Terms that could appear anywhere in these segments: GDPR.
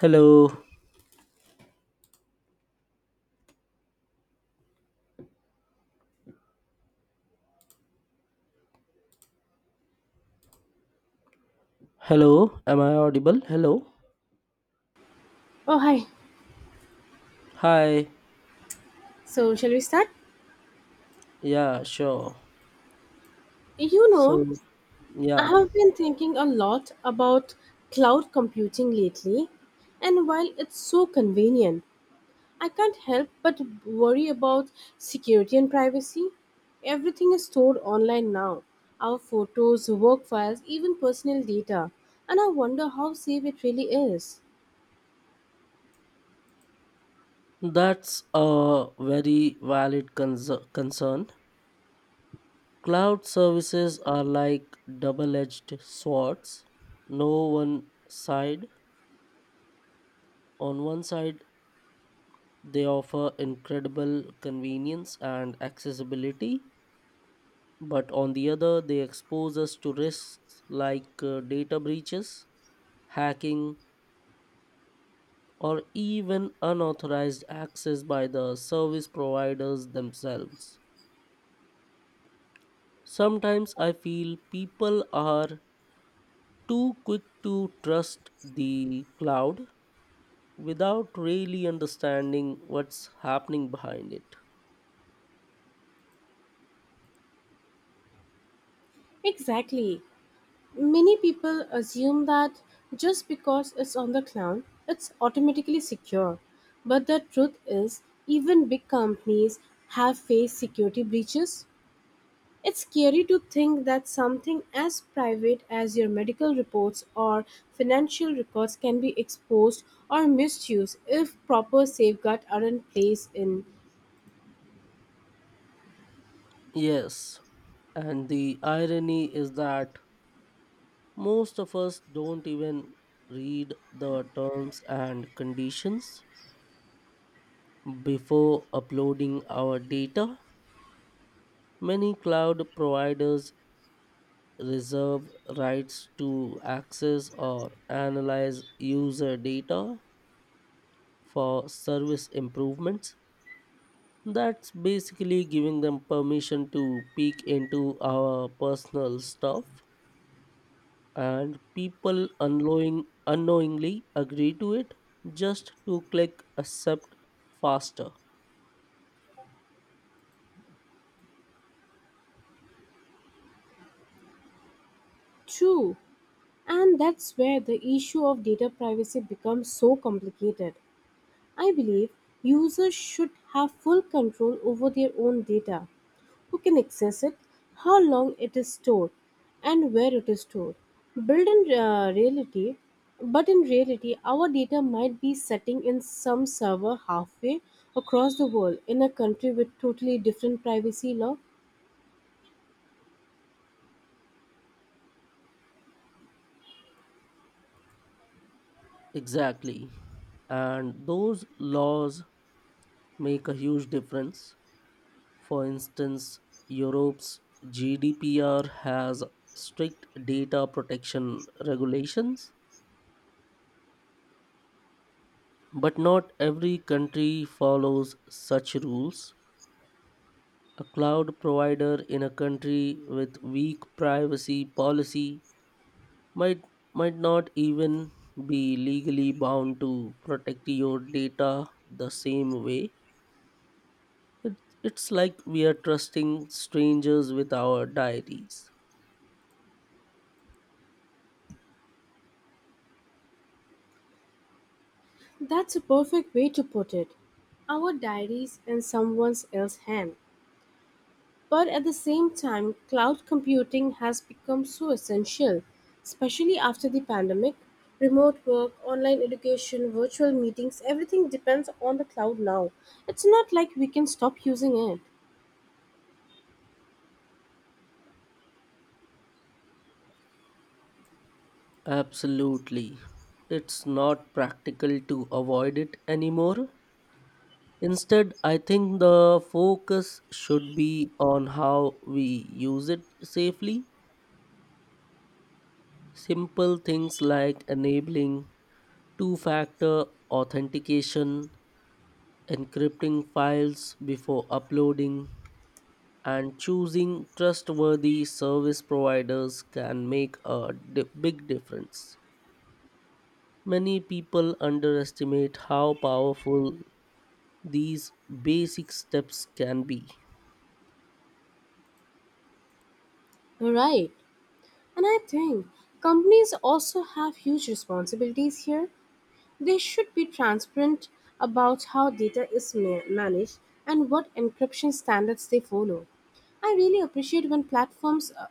Hello, hello, am I audible? Hello, Oh, hi. hi, So, shall we start? yeah, sure. You know, So, I yeah, have been thinking a lot about cloud computing lately, and while it's so convenient, I can't help but worry about security and privacy. Everything is stored online now, our photos, work files, even personal data, and I wonder how safe it really is. that's a very valid concern. Cloud services are like double edged swords. No one side, on one side, they offer incredible convenience and accessibility, but on the other, they expose us to risks like data breaches, hacking, or even unauthorized access by the service providers themselves. Sometimes I feel people are too quick to trust the cloud without really understanding what's happening behind it. Exactly. Many people assume that just because it's on the cloud, it's automatically secure. But the truth is, even big companies have faced security breaches. It's scary to think that something as private as your medical reports or financial records can be exposed or misused if proper safeguards are in place in Yes, and the irony is that most of us don't even read the terms and conditions before uploading our data. Many cloud providers reserve rights to access or analyze user data for service improvements. That's basically giving them permission to peek into our personal stuff, and people unknowingly agree to it just to click accept faster. true. And that's where the issue of data privacy becomes so complicated. I believe users should have full control over their own data, who can access it, how long it is stored, and where it is stored. Built in uh, reality, but in reality, our data might be sitting in some server halfway across the world in a country with totally different privacy law. Exactly. And those laws make a huge difference. For instance, Europe's GDPR has strict data protection regulations, but not every country follows such rules. A cloud provider in a country with weak privacy policy might might not even be legally bound to protect your data the same way. It's like we are trusting strangers with our diaries. That's a perfect way to put it. Our diaries in someone else's hand. But at the same time, cloud computing has become so essential, especially after the pandemic. Remote work, online education, virtual meetings, everything depends on the cloud now. It's not like we can stop using it. Absolutely. It's not practical to avoid it anymore. Instead, I think the focus should be on how we use it safely. Simple things like enabling two factor authentication, encrypting files before uploading, and choosing trustworthy service providers can make a big difference. Many people underestimate how powerful these basic steps can be. Right. And I think companies also have huge responsibilities here. They should be transparent about how data is managed and what encryption standards they follow. I really appreciate when platforms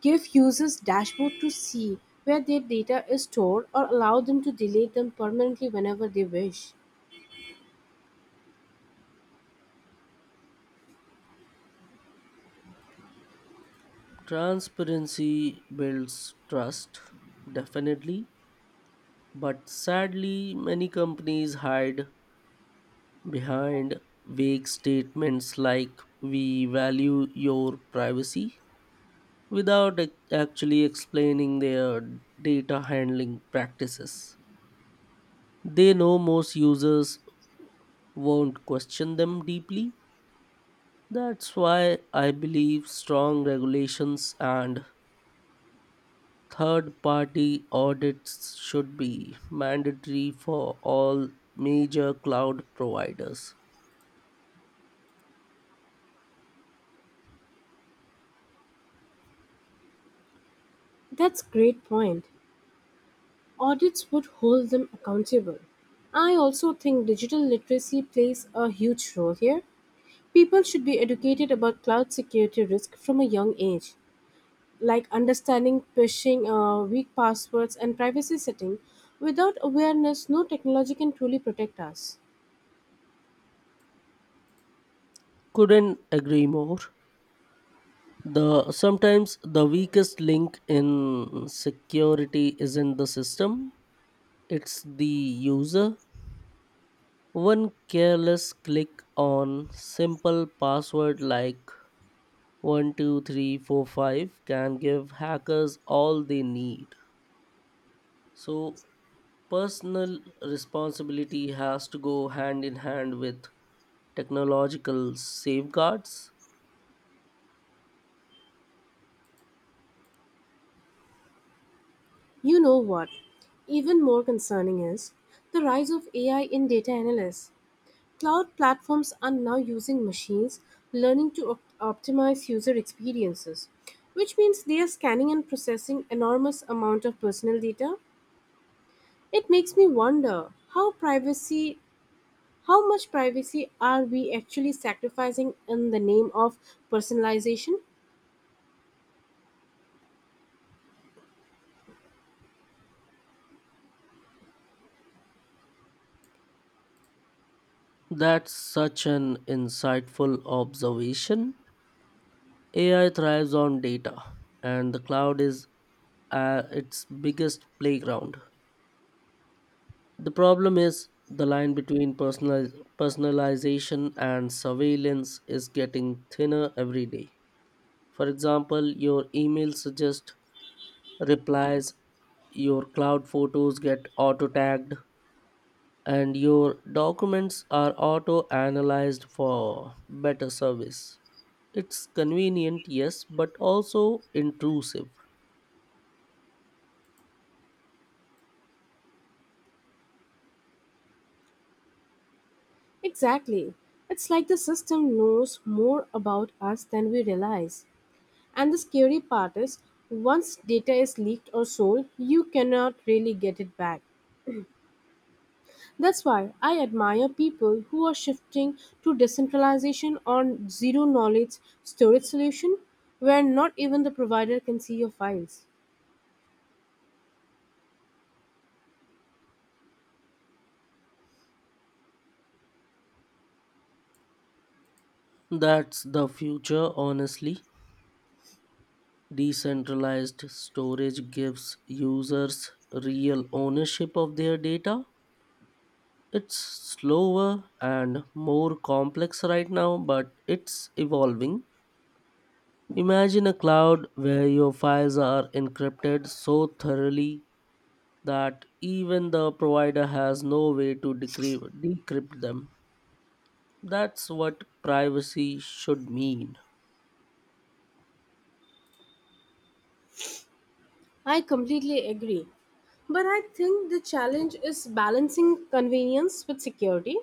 give users dashboard to see where their data is stored or allow them to delete them permanently whenever they wish. Transparency builds trust, definitely, but sadly, many companies hide behind vague statements like we value your privacy without actually explaining their data handling practices. They know most users won't question them deeply. That's why I believe strong regulations and third party audits should be mandatory for all major cloud providers. That's great point. Audits would hold them accountable. I also think digital literacy plays a huge role here. People should be educated about cloud security risk from a young age, like understanding phishing, weak passwords, and privacy setting. Without awareness, no technology can truly protect us. Couldn't agree more. The sometimes the weakest link in security isn't the system, it's the user. One careless click on simple password like 12345 can give hackers all they need. So, personal responsibility has to go hand in hand with technological safeguards. You know what? Even more concerning is the rise of AI in data analysis. Cloud platforms are now using machines learning to optimize user experiences, which means they are scanning and processing enormous amount of personal data. It makes me wonder how much privacy are we actually sacrificing in the name of personalization? That's such an insightful observation. AI thrives on data, and the cloud is its biggest playground. The problem is the line between personalization and surveillance is getting thinner every day. For example, your email suggests replies, your cloud photos get auto tagged, and your documents are auto analyzed for better service. It's convenient, yes, but also intrusive. Exactly. It's like the system knows more about us than we realize. And the scary part is, once data is leaked or sold, you cannot really get it back. That's why I admire people who are shifting to decentralization or zero knowledge storage solution where not even the provider can see your files. That's the future, honestly. Decentralized storage gives users real ownership of their data. It's slower and more complex right now, but it's evolving. Imagine a cloud where your files are encrypted so thoroughly that even the provider has no way to decrypt them. That's what privacy should mean. I completely agree. But I think the challenge is balancing convenience with security.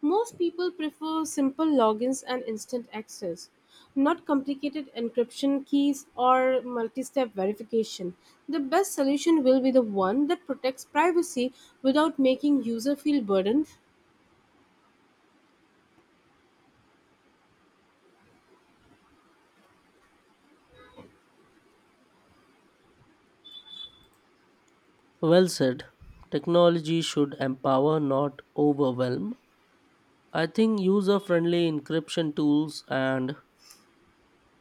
Most people prefer simple logins and instant access, not complicated encryption keys or multi step verification. The best solution will be the one that protects privacy without making user feel burdened. Well said. Technology should empower, not overwhelm. I think user friendly encryption tools and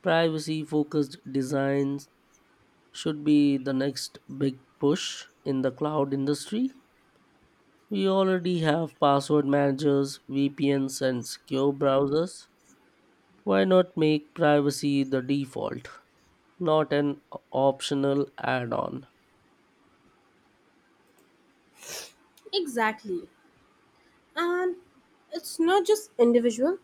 privacy focused designs should be the next big push in the cloud industry. We already have password managers, VPNs, and secure browsers. Why not make privacy the default, not an optional add on? Exactly. And it's not just individual.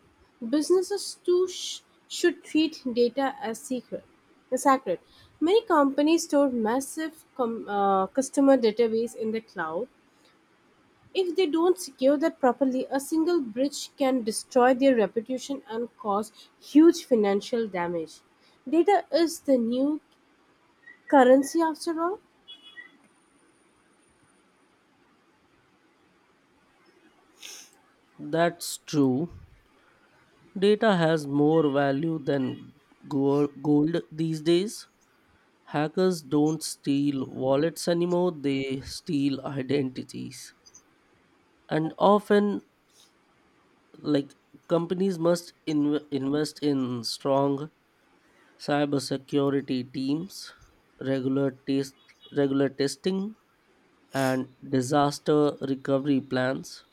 Businesses should treat data as secret, as sacred. Many companies store massive customer database in the cloud. If they don't secure that properly, a single breach can destroy their reputation and cause huge financial damage. Data is the new currency after all. That's true. Data has more value than gold these days. Hackers don't steal wallets anymore, they steal identities. And often, like companies must invest in strong cybersecurity teams, regular test, regular testing, and disaster recovery plans.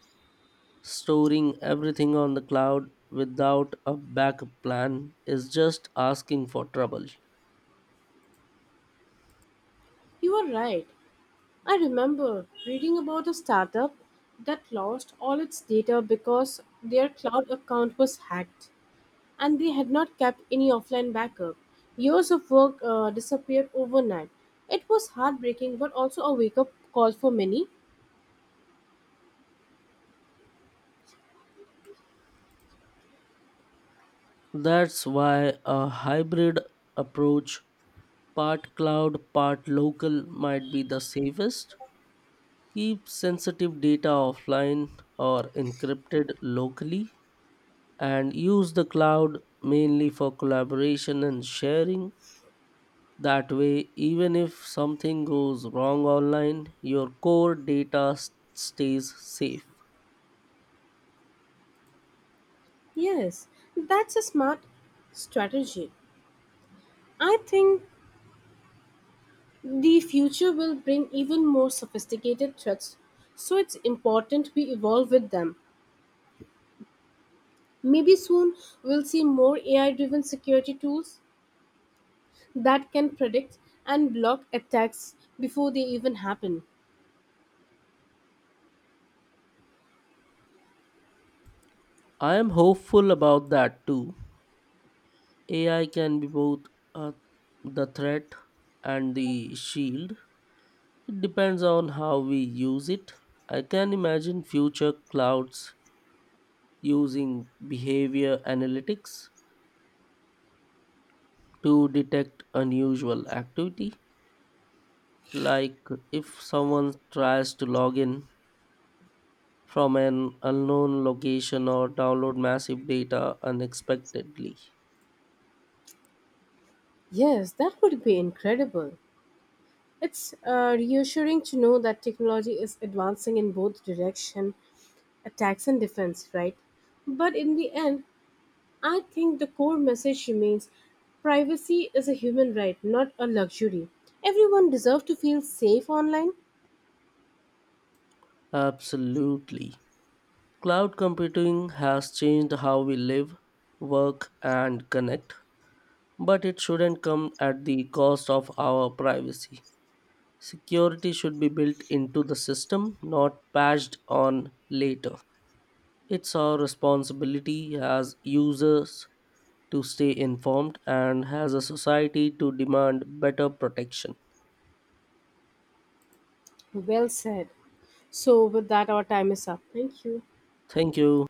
Storing everything on the cloud without a backup plan is just asking for trouble. You are right. I remember reading about a startup that lost all its data because their cloud account was hacked and they had not kept any offline backup. Years of work disappeared overnight. It was heartbreaking but also a wake up call for many. That's why a hybrid approach, part cloud, part local, might be the safest. Keep sensitive data offline or encrypted locally and use the cloud mainly for collaboration and sharing. That way, even if something goes wrong online, your core data stays safe. Yes, that's a smart strategy. I think the future will bring even more sophisticated threats, so it's important we evolve with them. Maybe soon we'll see more AI driven security tools that can predict and block attacks before they even happen. I am hopeful about that too. AI can be both uh, the threat and the shield. It depends on how we use it. I can imagine future clouds using behavior analytics to detect unusual activity, like if someone tries to log in from an unknown location or download massive data unexpectedly. Yes, that would be incredible. It's reassuring to know that technology is advancing in both direction, attacks and defense, right? But in the end, I think the core message remains privacy is a human right, not a luxury. Everyone deserves to feel safe online. Absolutely. Cloud computing has changed how we live, work, and connect, but it shouldn't come at the cost of our privacy. Security should be built into the system, not patched on later. It's our responsibility as users to stay informed and as a society to demand better protection. Well said. So with that our time is up. Thank you. Thank you.